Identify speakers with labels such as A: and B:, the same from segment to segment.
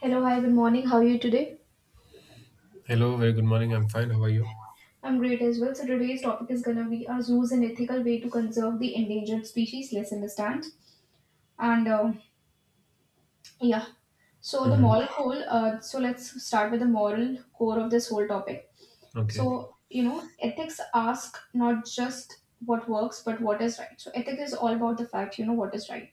A: Hello, hi, good morning. How are you today?
B: Hello, very good morning. I'm fine. How are you?
A: I'm great as well. So today's topic is gonna be our zoos an ethical way to conserve the endangered species? Let's understand. And uh, yeah, so the
B: Hmm.
A: moral whole. So let's start with the moral core of this whole topic.
B: Okay,
A: So you know, ethics ask not just what works but what is right. So ethics is all about the fact. You know what is right.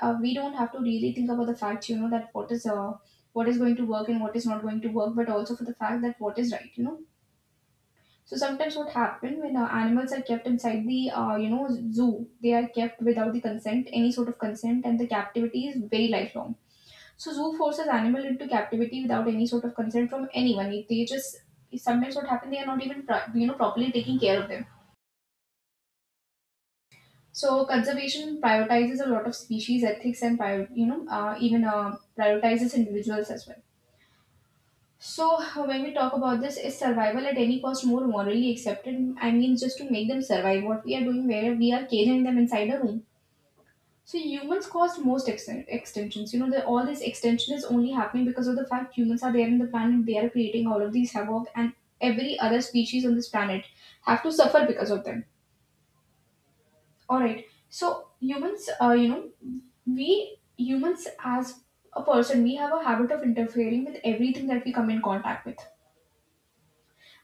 A: We don't have to really think about the fact. You know that what is what is going to work and what is not going to work, but also for the fact that what is right. You know. So sometimes what happen when animals are kept inside the you know zoo, they are kept without the consent, any sort of consent, and the captivity is very lifelong. So zoo forces animal into captivity without any sort of consent from anyone. If they just sometimes what happen they are not even you know properly taking care of them. So conservation prioritizes a lot of species ethics and you know even prioritizes individuals as well. So, when we talk about this, is survival at any cost more morally accepted? I mean, just to make them survive what we are doing, where we are caging them inside a room. So, humans caused most extensions. You know, all this extension is only happening because of the fact humans are there in the planet. They are creating all of these havoc, and every other species on this planet have to suffer because of them. All right. So, humans, you know, we humans as a person, we have a habit of interfering with everything that we come in contact with.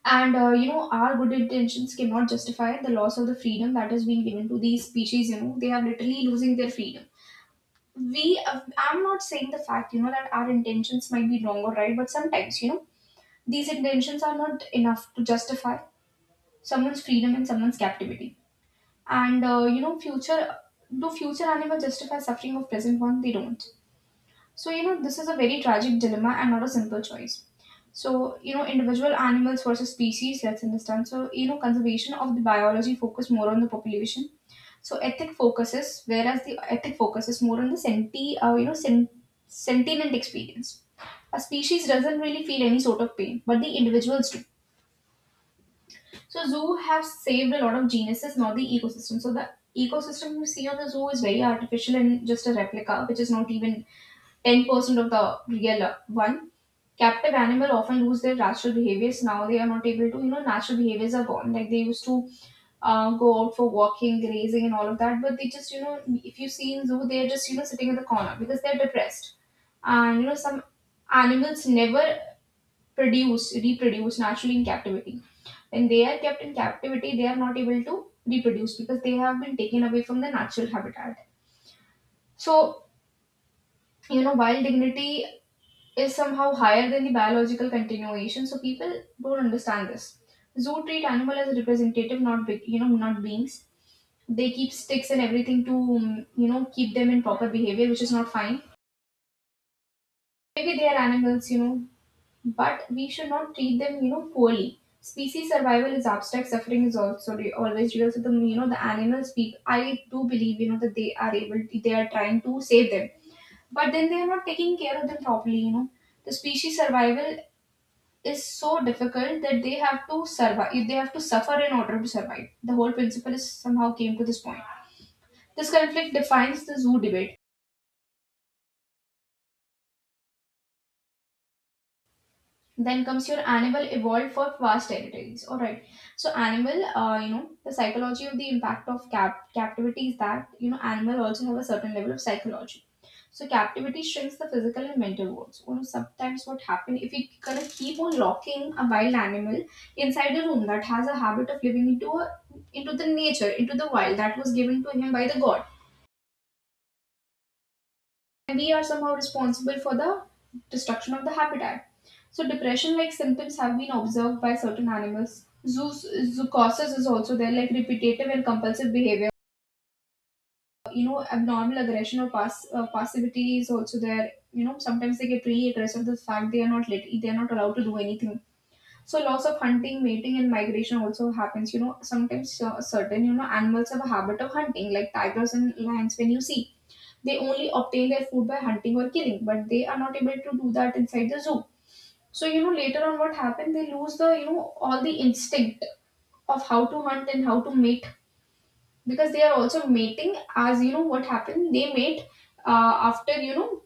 A: And You know, our good intentions cannot justify the loss of the freedom that has been given to these species. You know, they are literally losing their freedom. I'm not saying the fact, you know, that our intentions might be wrong or right, but sometimes, you know, these intentions are not enough to justify someone's freedom and someone's captivity. And You know, future do future animals justify suffering of present one? They don't. So, you know, this is a very tragic dilemma and not a simple choice. So, you know, individual animals versus species, let's understand. So, you know, conservation of the biology focus more on the population. Whereas the ethic focuses more on the you know, sentient experience. A species doesn't really feel any sort of pain, but the individuals do. So, zoo have saved a lot of genuses, not the ecosystem. So, the ecosystem you see on the zoo is very artificial and just a replica, which is not even 10% of the real one. Captive animal often lose their natural behaviors. Now they are not able to, you know, natural behaviors are gone. Like they used to go out for walking, grazing, and all of that. But they just, you know, if you see in zoo, they are just, you know, sitting in the corner because they're depressed. And you know, some animals never reproduce naturally in captivity. When they are kept in captivity, they are not able to reproduce because they have been taken away from the natural habitat. So you know while dignity is somehow higher than the biological continuation, so people don't understand this. Zoo treat animal as representative, not big you know, not beings. They keep sticks and everything to you know keep them in proper behavior, which is not fine. Maybe they are animals, you know, but we should not treat them you know poorly. Species survival is abstract, suffering is also always real. So the you know the animals people I do believe you know that they are able, they are trying to save them, but then they are not taking care of them properly you know. The species survival is so difficult that they have to survive, they have to suffer in order to survive. The whole principle is somehow came to this point. This conflict defines the zoo debate. Then comes your animal evolved for vast territories. All right, so animal you know the psychology of the impact of captivity is that you know animal also have a certain level of psychology. So captivity shrinks the physical and mental worlds. You know sometimes what happen if you kind of keep on locking a wild animal inside a room that has a habit of living into the nature, into the wild, that was given to him by the god, and we are somehow responsible for the destruction of the habitat. So, depression like symptoms have been observed by certain animals. Zoocosis is also there, like repetitive and compulsive behavior. You know, abnormal aggression or passivity is also there. You know, sometimes they get really aggressive. The fact they are not allowed to do anything. So, loss of hunting, mating, and migration also happens. You know, sometimes certain you know animals have a habit of hunting, like tigers and lions. When you see, they only obtain their food by hunting or killing, but they are not able to do that inside the zoo. So, you know, later on what happened, they lose the, you know, all the instinct of how to hunt and how to mate, because they are also mating as, you know, what happened, they mate after, you know,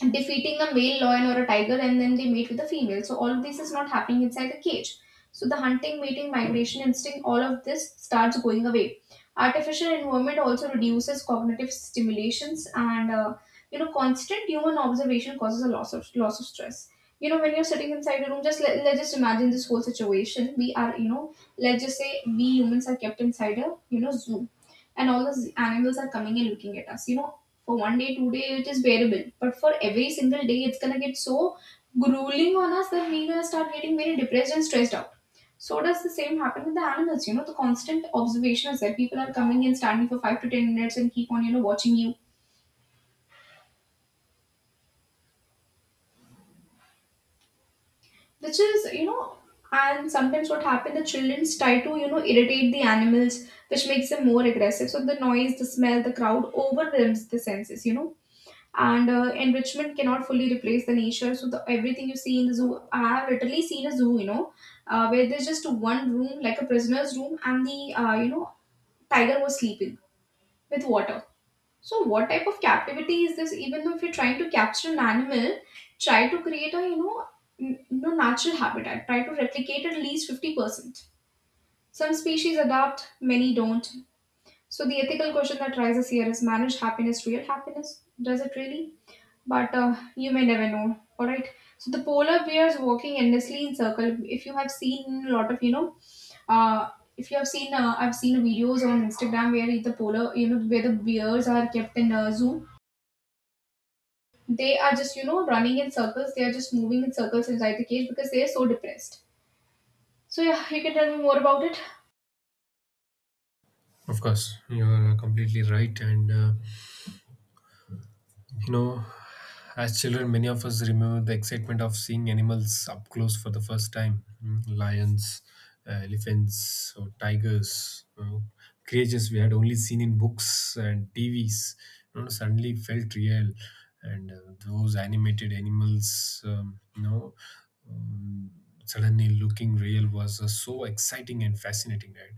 A: defeating a male lion or a tiger and then they mate with a female. So all this is not happening inside the cage. So the hunting, mating, migration instinct, all of this starts going away. Artificial environment also reduces cognitive stimulations, and you know constant human observation causes a loss of stress. You know when you're sitting inside a room, just let's just imagine this whole situation. We are you know, let's just say we humans are kept inside a you know zoo, and all the animals are coming and looking at us. You know for 1 day, 2 day, it is bearable. But for every single day, it's gonna get so grueling on us that we're gonna start getting very depressed and stressed out. So does the same happen with the animals. You know, the constant observation is that people are coming and standing for 5 to 10 minutes and keep on, you know, watching you, which is, you know, and sometimes what happens, the children try to, you know, irritate the animals, which makes them more aggressive. So the noise, the smell, the crowd overwhelms the senses. You know, and enrichment cannot fully replace the nature. So the everything you see in the zoo, I have literally seen a zoo you know, where there's just one room like a prisoner's room, and the you know tiger was sleeping with water. So what type of captivity is this? Even though if you're trying to capture an animal, try to create a you know no natural habitat, try to replicate at least 50%. Some species adapt, many don't. So the ethical question that rises here is, managed happiness real happiness? Does it really? But you may never know. All right, so the polar bears walking endlessly in circle. If you have seen a lot of you know, uh, if you have seen I've seen videos on instagram where the polar you know where the bears are kept in a zoo, they are just you know running in circles, they are just moving in circles inside the cage because they are so depressed. So yeah, you can tell me more about it.
B: of course, you're completely right. You know, as children, many of us remember the excitement of seeing animals up close for the first time. Mm, lions, elephants, or tigers, you know, creatures we had only seen in books and TVs. You know, suddenly felt real, and those animated animals, you know, um, suddenly looking real was so exciting and fascinating, right?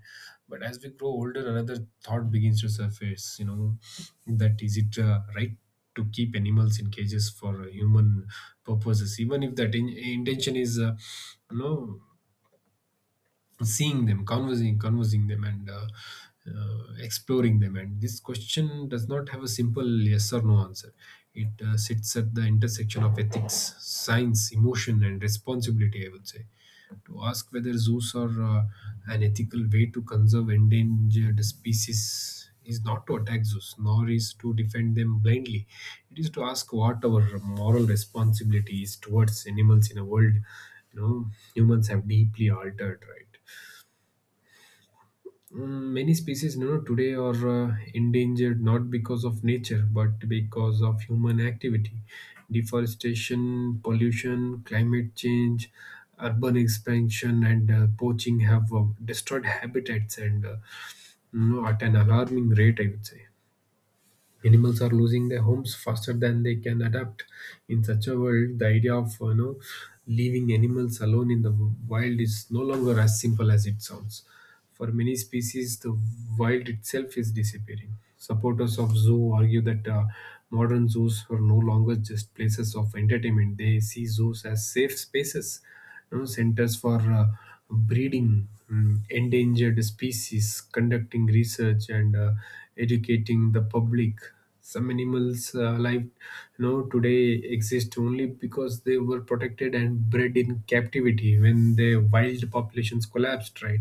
B: But as we grow older, another thought begins to surface. You know, that is it right to keep animals in cages for human purposes, even if that intention is you know seeing them conversing them and exploring them. And this question does not have a simple yes or no answer. It sits at the intersection of ethics, science, emotion and responsibility, I would say. To ask whether zoos are an ethical way to conserve endangered species is not to attack zoos, nor is to defend them blindly. It is to ask what our moral responsibility is towards animals in a world, you know, humans have deeply altered, right? Mm, many species, you know, today are endangered not because of nature but because of human activity. Deforestation, pollution, climate change, urban expansion and poaching have destroyed habitats and, you know, at an alarming rate, I would say. Animals are losing their homes faster than they can adapt. In such a world, the idea of, you know, leaving animals alone in the wild is no longer as simple as it sounds. For many species, the wild itself is disappearing. Supporters of zoo argue that modern zoos are no longer just places of entertainment. They see zoos as safe spaces, you know, centers for breeding, mm, endangered species, conducting research and educating the public. Some animals alive, you know, today exist only because they were protected and bred in captivity when their wild populations collapsed, right?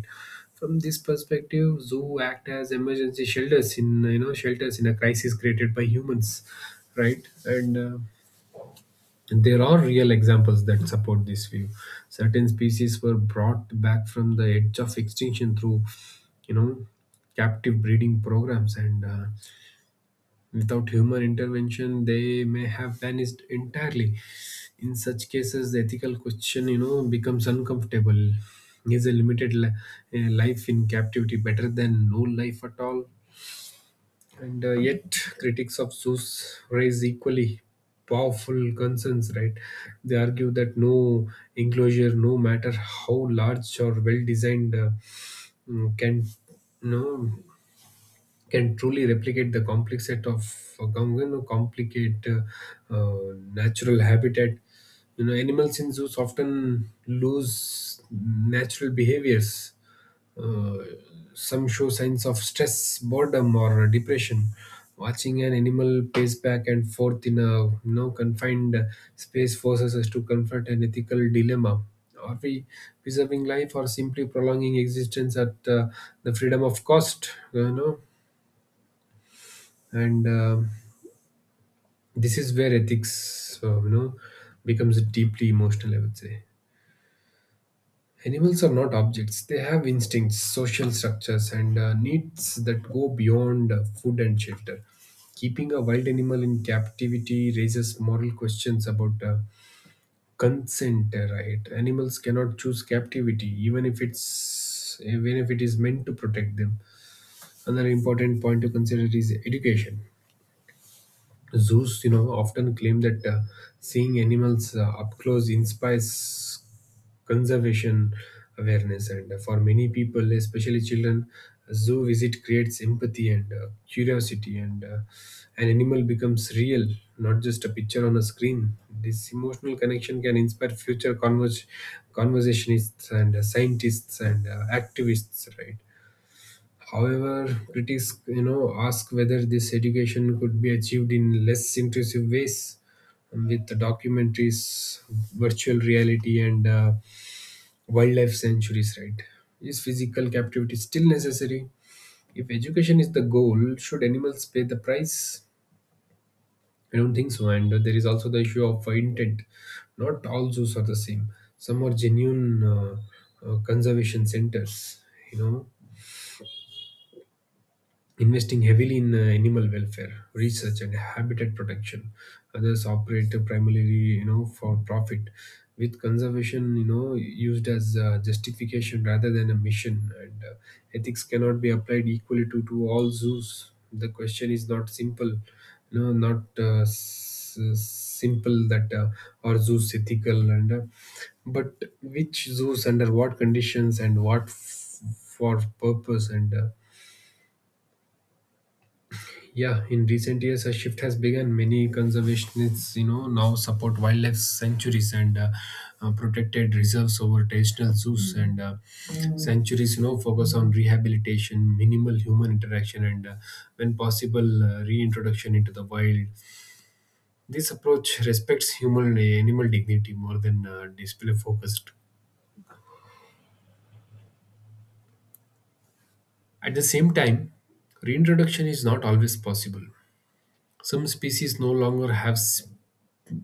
B: From this perspective, zoo act as emergency shelters in, shelters in a crisis created by humans, right? And There are real examples that support this view. Certain species were brought back from the edge of extinction through, you know, captive breeding programs, and without human intervention, they may have vanished entirely. In such cases, the ethical question, you know, becomes uncomfortable. Is a life in captivity better than no life at all? And Yet, critics of Zeus raise equally powerful concerns, right? They argue that no enclosure, no matter how large or well designed, can no can truly replicate the complex set of you know, complicate natural habitat. You know, animals in zoos often lose natural behaviors uh, some show signs of stress, boredom, or depression. Watching an animal pace back and forth in a, you know, confined space forces us to confront an ethical dilemma. Are we preserving life or simply prolonging existence at the freedom of cost? You know, and this is where ethics, you know, becomes deeply emotional, I would say. Animals are not objects, they have instincts, social structures, and needs that go beyond food and shelter. Keeping a wild animal in captivity raises moral questions about consent, right? Animals cannot choose captivity, even if it is meant to protect them. Another important point to consider is education. Zoos, you know, often claim that seeing animals up close inspires conservation awareness, and for many people, especially children, a zoo visit creates empathy and curiosity, and an animal becomes real, not just a picture on a screen. This emotional connection can inspire conversationists and scientists and activists, right? However, critics, you know, ask whether this education could be achieved in less intrusive ways, with the documentaries, virtual reality, and wildlife sanctuaries. Right? Is physical captivity still necessary? If education is the goal, should animals pay the price? I don't think so. And there is also the issue of intent. Not all zoos are the same. Some are genuine conservation centers. You know, investing heavily in animal welfare research and habitat protection. Others operate primarily, you know, for profit, with conservation, you know, used as justification rather than a mission, and ethics cannot be applied equally to all zoos. The question is not simple, you know, not simple that are zoos ethical, and but which zoos, under what conditions and what for purpose. And Yeah, in recent years, a shift has begun. Many conservationists, you know, now support wildlife sanctuaries and protected reserves over traditional zoos. And Sanctuaries, you know, focus on rehabilitation, minimal human interaction, and when possible, reintroduction into the wild. This approach respects human and animal dignity more than display focused. At the same time, reintroduction is not always possible. Some species no longer have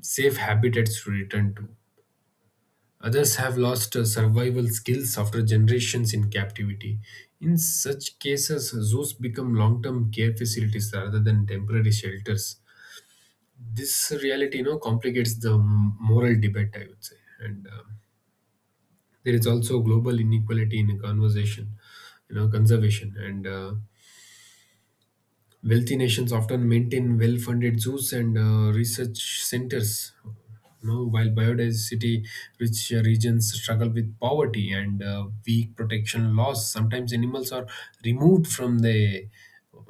B: safe habitats to return to. Others have lost survival skills after generations in captivity. In such cases, zoos become long term care facilities rather than temporary shelters. This reality, you know, complicates the moral debate, I would say. And There is also global inequality in conversation, you know, conservation. And Wealthy nations often maintain well funded zoos and research centers, no, while biodiversity rich regions struggle with poverty and weak protection laws. Sometimes animals are removed from their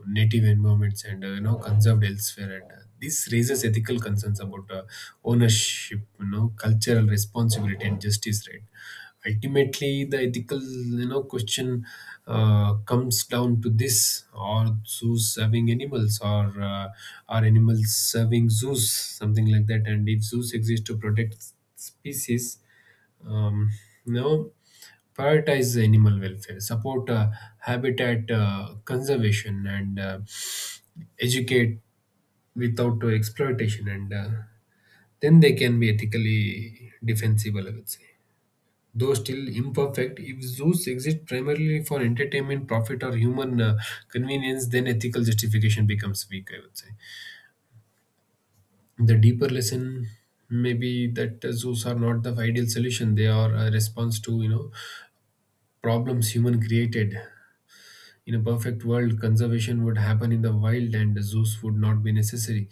B: native environments and, you know, conserved elsewhere, and this raises ethical concerns about ownership, you know, cultural responsibility and justice, right? Ultimately the ethical, you know, question comes down to this: are zoos serving animals or uh, are animals serving zoos, something like that. And if zoos exist to protect species, um, you know, prioritize animal welfare, support habitat conservation and educate without exploitation, and then they can be ethically defensible, I would say. Though still imperfect, if zoos exist primarily for entertainment, profit, or human convenience, then ethical justification becomes weak, I would say. The deeper lesson may be that zoos are not the ideal solution, they are a response to, you know, problems human created. In a perfect world, conservation would happen in the wild and the zoos would not be necessary.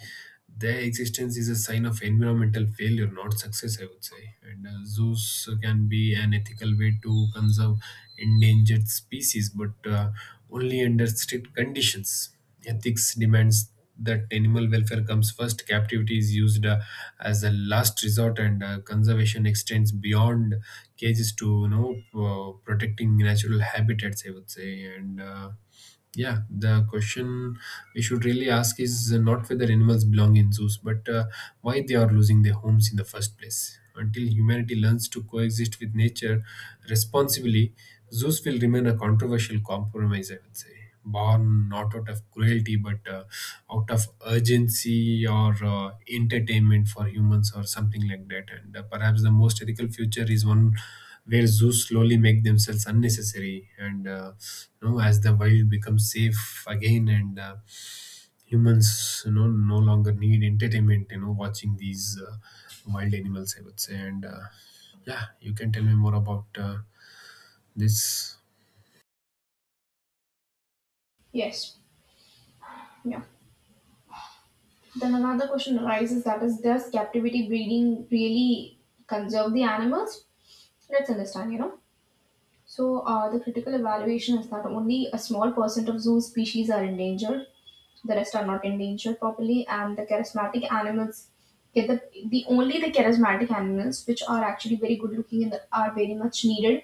B: Their existence is a sign of environmental failure, not success, I would say. And Zoos can be an ethical way to conserve endangered species, but only under strict conditions. Ethics demands that animal welfare comes first, captivity is used as a last resort, and conservation extends beyond cages to, you know, protecting natural habitats, I would say. And Yeah, the question we should really ask is not whether animals belong in zoos, but why they are losing their homes in the first place. Until humanity learns to coexist with nature responsibly, zoos will remain a controversial compromise, I would say. Born not out of cruelty, but out of urgency or entertainment for humans, or something like that. And Perhaps the most ethical future is one where zoos slowly make themselves unnecessary, and, you know, as the wild becomes safe again, and, humans, you know, no longer need entertainment, you know, watching these wild animals, I would say. And Yeah, you can tell me more about this.
A: Yes. Yeah. Then another question arises, that is, does captivity breeding really conserve the animals? Let's understand, you know. So, the critical evaluation is that only a small percent of zoo species are endangered, the rest are not endangered properly, and the charismatic animals get the, the only the charismatic animals which are actually very good looking and are very much needed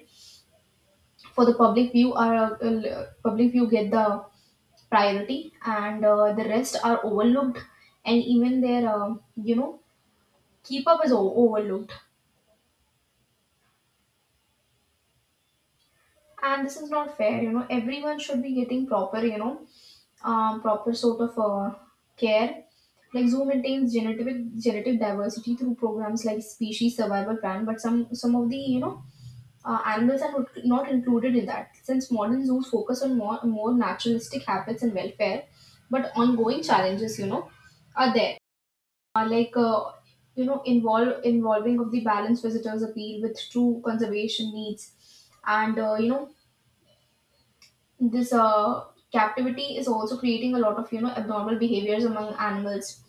A: for the public view are public view get the priority, and the rest are overlooked, and even their you know keep up is overlooked. And this is not fair, you know, everyone should be getting proper you know, proper sort of care. Like zoo maintains genetic diversity through programs like species survival plan, but some of the you know animals are not included in that. Since modern zoos focus on more naturalistic habits and welfare, but ongoing challenges you know are there. Are like involve involving of the balanced visitors appeal with true conservation needs, and this captivity is also creating a lot of abnormal behaviors among animals,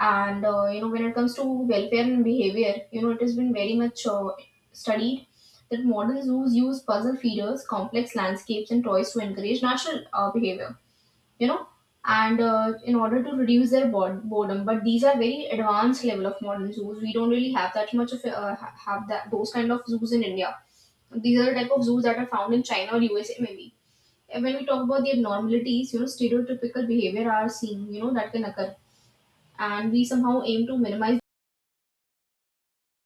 A: and when it comes to welfare and behavior, it has been very much studied that modern zoos use puzzle feeders, complex landscapes, and toys to encourage natural behavior, you know and in order to reduce their boredom. But these are very advanced level of modern zoos. We don't really have that much of have that those kind of zoos in India. These are the type of zoos that are found in China or USA maybe. And when we talk about the abnormalities, stereotypical behavior are seen, that can occur. And we somehow aim to minimize.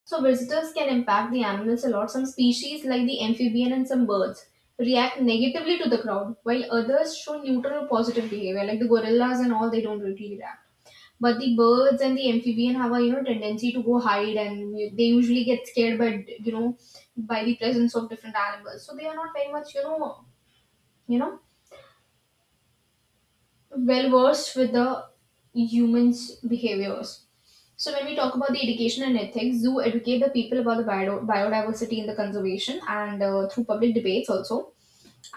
A: So visitors can impact the animals a lot. Some species like the amphibian and some birds react negatively to the crowd, while others show neutral or positive behavior, like the gorillas and all, they don't really react. But the birds and the amphibian have a tendency to go hide, and they usually get scared by you know by the presence of different animals. So they are not very much you know well versed with the humans' behaviors. So when we talk about the education and ethics, zoo educate the people about the biodiversity and the conservation, and through public debates also.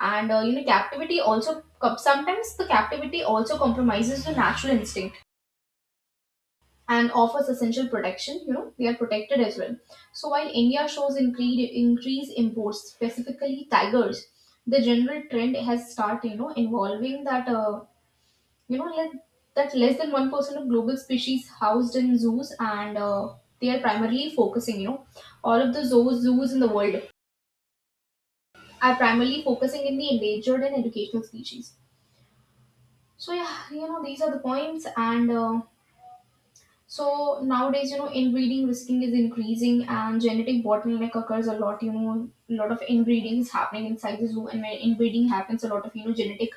A: And captivity also sometimes the captivity also compromises the natural instinct and offers essential protection. They are protected as well. So while India shows increase imports specifically tigers, the general trend has started involving that. Like that less than 1% of global species housed in zoos, and they are primarily focusing, all of the zoos in the world are primarily focusing in the endangered and educational species. So yeah, these are the points, and so nowadays, inbreeding risking is increasing, and genetic bottleneck occurs a lot. A lot of inbreeding is happening inside the zoo, and when inbreeding happens, a lot of genetic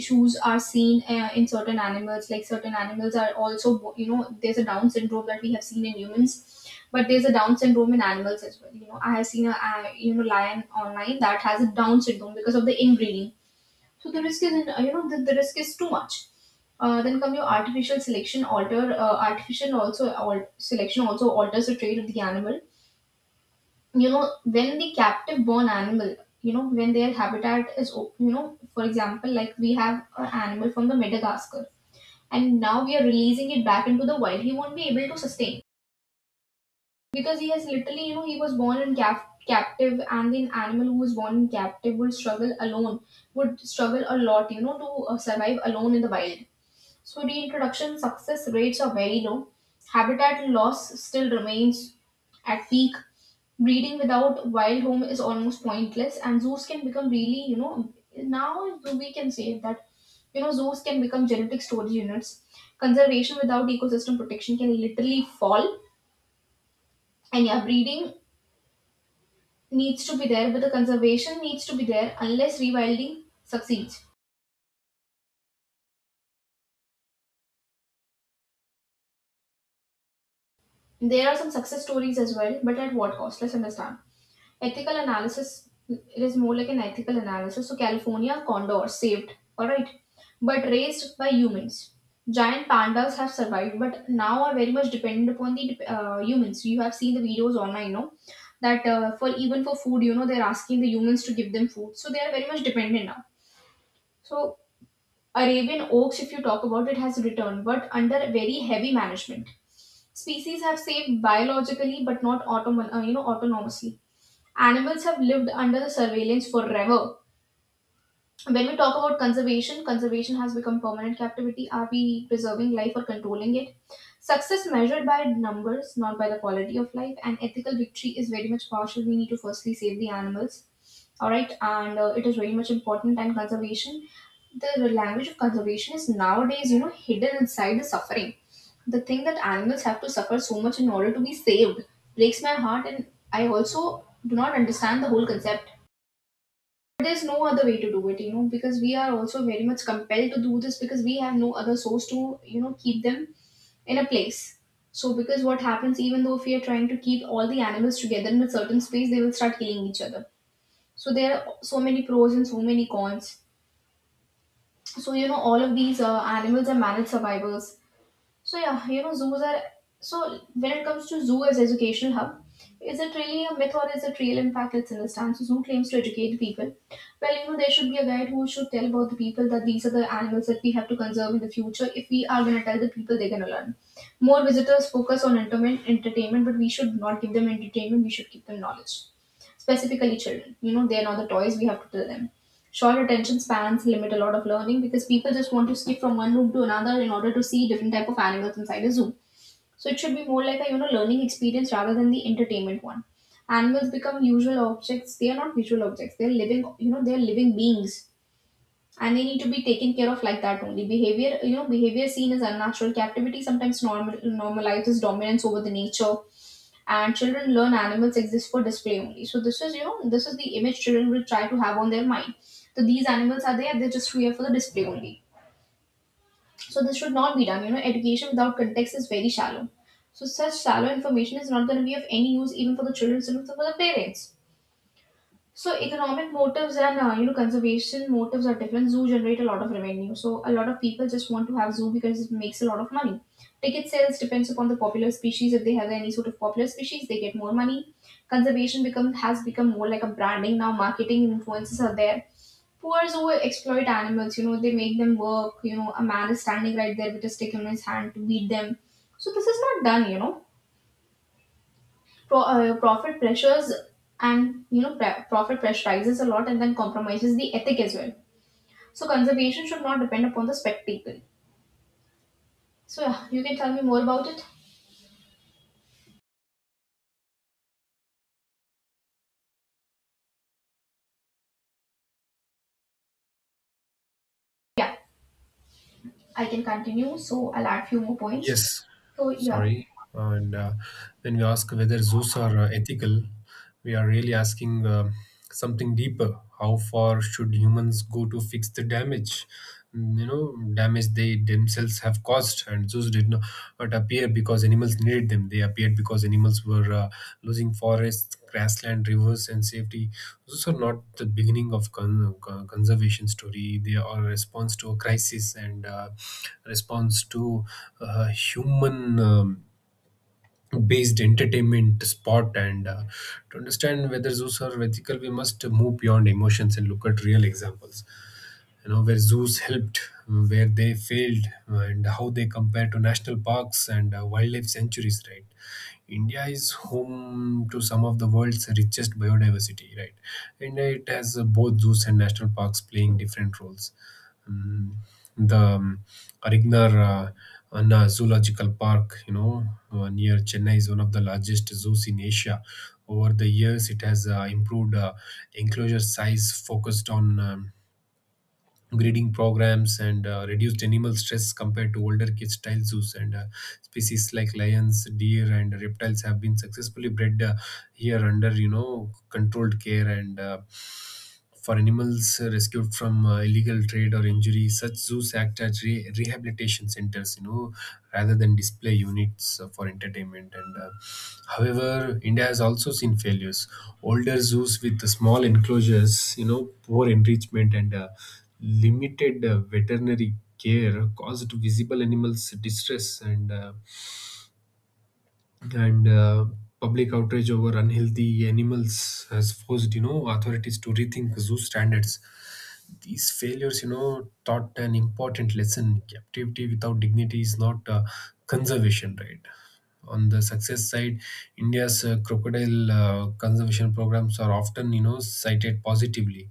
A: issues are seen in certain animals. Like certain animals are also, there's a Down syndrome that we have seen in humans, but there's a Down syndrome in animals as well. I have seen a lion online that has a Down syndrome because of the inbreeding. So the risk is, in, the risk is too much. Then come your artificial selection alter. Artificial also selection also alters the trait of the animal. When the captive born animal, when their habitat is, for example, like we have an animal from the Madagascar, and now we are releasing it back into the wild. He won't be able to sustain because he has literally, he was born in captive, and the animal who was born in captive will struggle alone, would struggle a lot, to survive alone in the wild. So reintroduction success rates are very low. Habitat loss still remains at peak. Breeding without wild home is almost pointless, and zoos can become really, now we can say that, zoos can become genetic storage units. Conservation without ecosystem protection can literally fall. And yeah, breeding needs to be there, but the conservation needs to be there unless rewilding succeeds. There are some success stories as well, but at what cost? Let's understand. Ethical analysis, it is more like an ethical analysis. So, California condor saved, alright, but raised by humans. Giant pandas have survived, but now are very much dependent upon the humans. You have seen the videos online, no? That for even for food, they're asking the humans to give them food. So, they are very much dependent now. So, Arabian oaks, if you talk about it, has returned, but under very heavy management. Species have saved biologically, but not autonomously. Animals have lived under the surveillance forever. When we talk about conservation, conservation has become permanent captivity. Are we preserving life or controlling it? Success measured by numbers, not by the quality of life, and ethical victory is very much partial. We need to firstly save the animals, all right, and it is very much important. And conservation, the language of conservation is nowadays, hidden inside the suffering. The thing that animals have to suffer so much in order to be saved breaks my heart, and I also do not understand the whole concept. There's no other way to do it, because we are also very much compelled to do this, because we have no other source to keep them in a place. So because what happens, even though if we are trying to keep all the animals together in a certain space, they will start killing each other. So there are so many pros and so many cons. So all of these animals are managed survivors. So yeah, zoos are. So when it comes to zoo as educational hub, is it really a myth or is it real? In fact, it's in the stance. So Zoo claims to educate the people. Well, there should be a guide who should tell about the people that these are the animals that we have to conserve in the future. If we are going to tell the people, they're going to learn. More visitors focus on entertainment, but we should not give them entertainment. We should give them knowledge, specifically children. They're not the toys. We have to tell them. Short attention spans limit a lot of learning, because people just want to skip from one room to another in order to see different type of animals inside a zoo. So it should be more like a learning experience rather than the entertainment one. Animals become usual objects, they are not visual objects, they're living, they're living beings. And they need to be taken care of like that only. Behavior you know behavior seen as unnatural captivity sometimes normalizes dominance over the nature. And children learn animals exist for display only. So this is the image children will try to have on their mind. So these animals are there, they're just here for the display only. So this should not be done. Education without context is very shallow. So such shallow information is not going to be of any use, even for the children, even for the parents. So economic motives and conservation motives are different. Zoo generate a lot of revenue, so a lot of people just want to have zoo because it makes a lot of money. Ticket sales depends upon the popular species. If they have any sort of popular species, they get more money. Conservation become has become more like a branding now. Marketing influences are there. Poor zoo exploit animals. They make them work. A man is standing right there with a stick in his hand to beat them. So this is not done. Profit pressures and profit pressure rises a lot and then compromises the ethic as well. So conservation should not depend upon the spectacle. So yeah, you can tell me more about it. Yeah, I can continue, so I'll add few more points.
B: Yes,
A: So yeah,
B: sorry. And When we ask whether zoos are ethical, we are really asking something deeper. How far should humans go to fix the damage? Mm, you know, damage they themselves have caused, and zoos did not appear because animals needed them. They appeared because animals were losing forests, grassland, rivers, and safety. Those are not the beginning of conservation story. They are a response to a crisis, and response to human based entertainment spot. And To understand whether those are ethical, we must move beyond emotions and look at real examples, you know, where zoos helped, where they failed and how they compare to national parks and wildlife sanctuaries, right? India is home to some of the world's richest biodiversity, right? And it has both zoos and national parks playing different roles. Mm, the Arignar Anna Zoological Park, you know, near Chennai is one of the largest zoos in Asia. Over the years, it has improved enclosure size, focused on breeding programs and reduced animal stress compared to older cage style zoos and species like lions, deer and reptiles have been successfully bred here under controlled care, and for animals rescued from illegal trade or injury, such zoos act as rehabilitation centers, you know, rather than display units for entertainment. And However, India has also seen failures. Older zoos with the small enclosures, you know, poor enrichment and limited veterinary care caused visible animals distress, and public outrage over unhealthy animals has forced, you know, authorities to rethink zoo standards. These failures, you know, taught an important lesson: captivity without dignity is not, conservation, right? On the success side, India's crocodile conservation programs are often, you know, cited positively.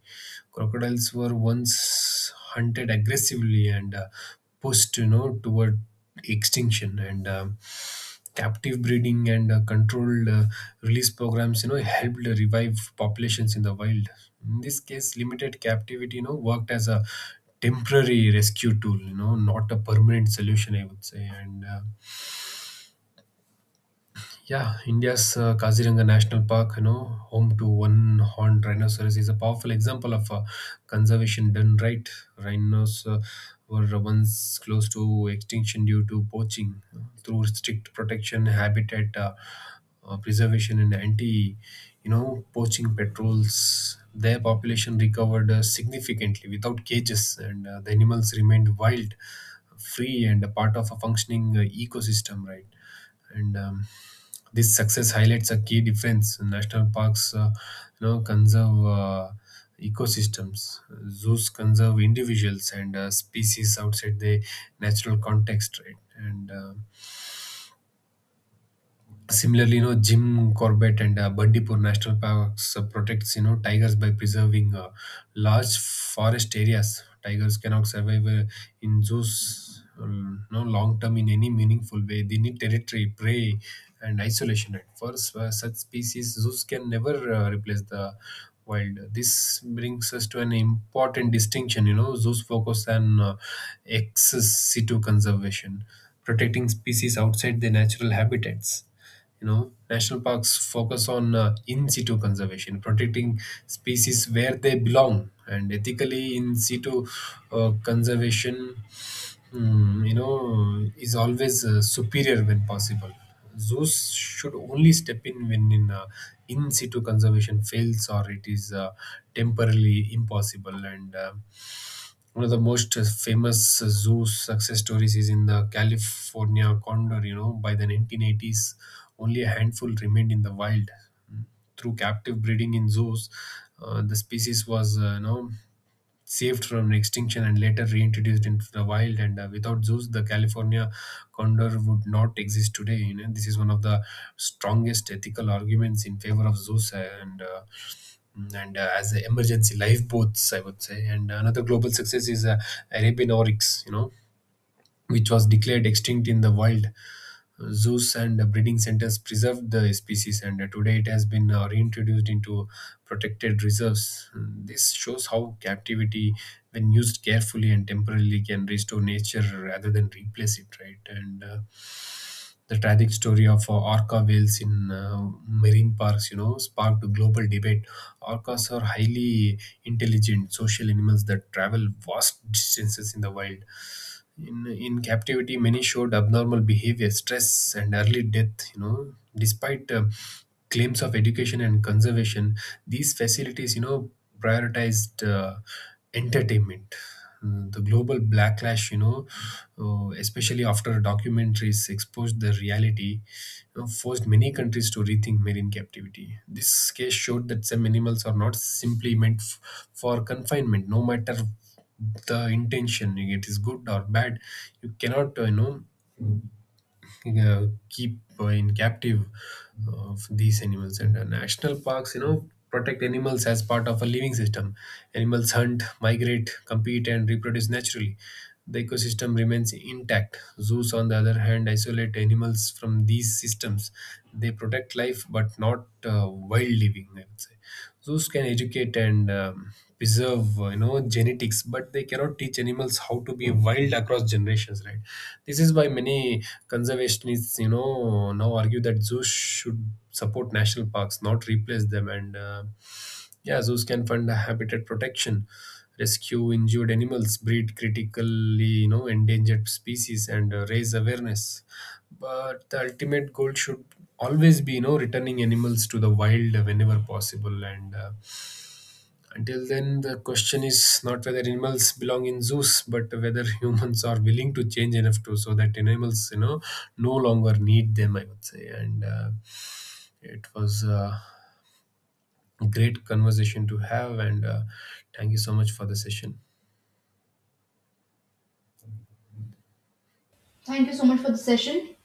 B: Crocodiles were once hunted aggressively and pushed, you know, toward extinction, and captive breeding and controlled release programs, you know, helped revive populations in the wild. In this case, limited captivity, you know, worked as a temporary rescue tool, you know, not a permanent solution, I would say. And Yeah, India's Kaziranga National Park, you know, home to one horned rhinoceros, is a powerful example of conservation done right. Rhinos were once close to extinction due to poaching. Through strict protection, habitat preservation, and anti, you know, poaching patrols, their population recovered significantly without cages, and the animals remained wild, free, and a part of a functioning ecosystem. Right, and this success highlights a key difference. National parks, you know, conserve ecosystems. Zoos conserve individuals and species outside the natural context, right? And Similarly, you know, Jim Corbett and Bandipur National Parks protects, you know, tigers by preserving large forest areas. Tigers cannot survive in zoos no long term in any meaningful way. They need territory, prey, and isolation. And for such species, zoos can never replace the wild. This brings us to an important distinction. You know, zoos focus on ex situ conservation, protecting species outside their natural habitats. You know, national parks focus on in situ conservation, protecting species where they belong, and ethically, in situ conservation, you know, is always superior when possible. Zoos should only step in when in situ conservation fails or it is temporarily impossible. And One of the most famous zoo success stories is in the California condor. You know, by the 1980s, only a handful remained in the wild. Hmm. Through captive breeding in zoos, the species was, saved from extinction and later reintroduced into the wild. And without zoos, the California condor would not exist today. You know, this is one of the strongest ethical arguments in favor of zoos, and as a emergency lifeboats, I would say. And another global success is Arabian oryx, you know, which was declared extinct in the wild. Zoos and breeding centers preserved the species, and today it has been reintroduced into protected reserves. Mm. This shows how captivity, when used carefully and temporarily, can restore nature rather than replace it, right? And the tragic story of orca whales in marine parks, you know, sparked a global debate. Orcas are highly intelligent, social animals that travel vast distances in the wild. In captivity, many showed abnormal behavior, stress and early death, you know, despite claims of education and conservation. These facilities, you know, prioritized entertainment. Mm. The global backlash, you know, especially after documentaries exposed the reality, forced many countries to rethink marine captivity. This case showed that some animals are not simply meant for confinement, no matter the intention, it is good or bad. You cannot, keep in captive of these animals. And national parks, you know, protect animals as part of a living system. Animals hunt, migrate, compete and reproduce naturally. The ecosystem remains intact. Zoos, on the other hand, isolate animals from these systems. They protect life but not wild living, I would say. Zoos can educate and preserve, you know, genetics, but they cannot teach animals how to be wild across generations, right? This is why many conservationists, you know, now argue that zoos should support national parks, not replace them. And yeah, zoos can fund habitat protection, rescue injured animals, breed critically, you know, endangered species, and raise awareness. But the ultimate goal should always be, you know, returning animals to the wild whenever possible. And until then, the question is not whether animals belong in zoos, but whether humans are willing to change enough to so that animals, you know, no longer need them, I would say. And It was a great conversation to have. And thank you so much for the session.
A: thank you so much for the session.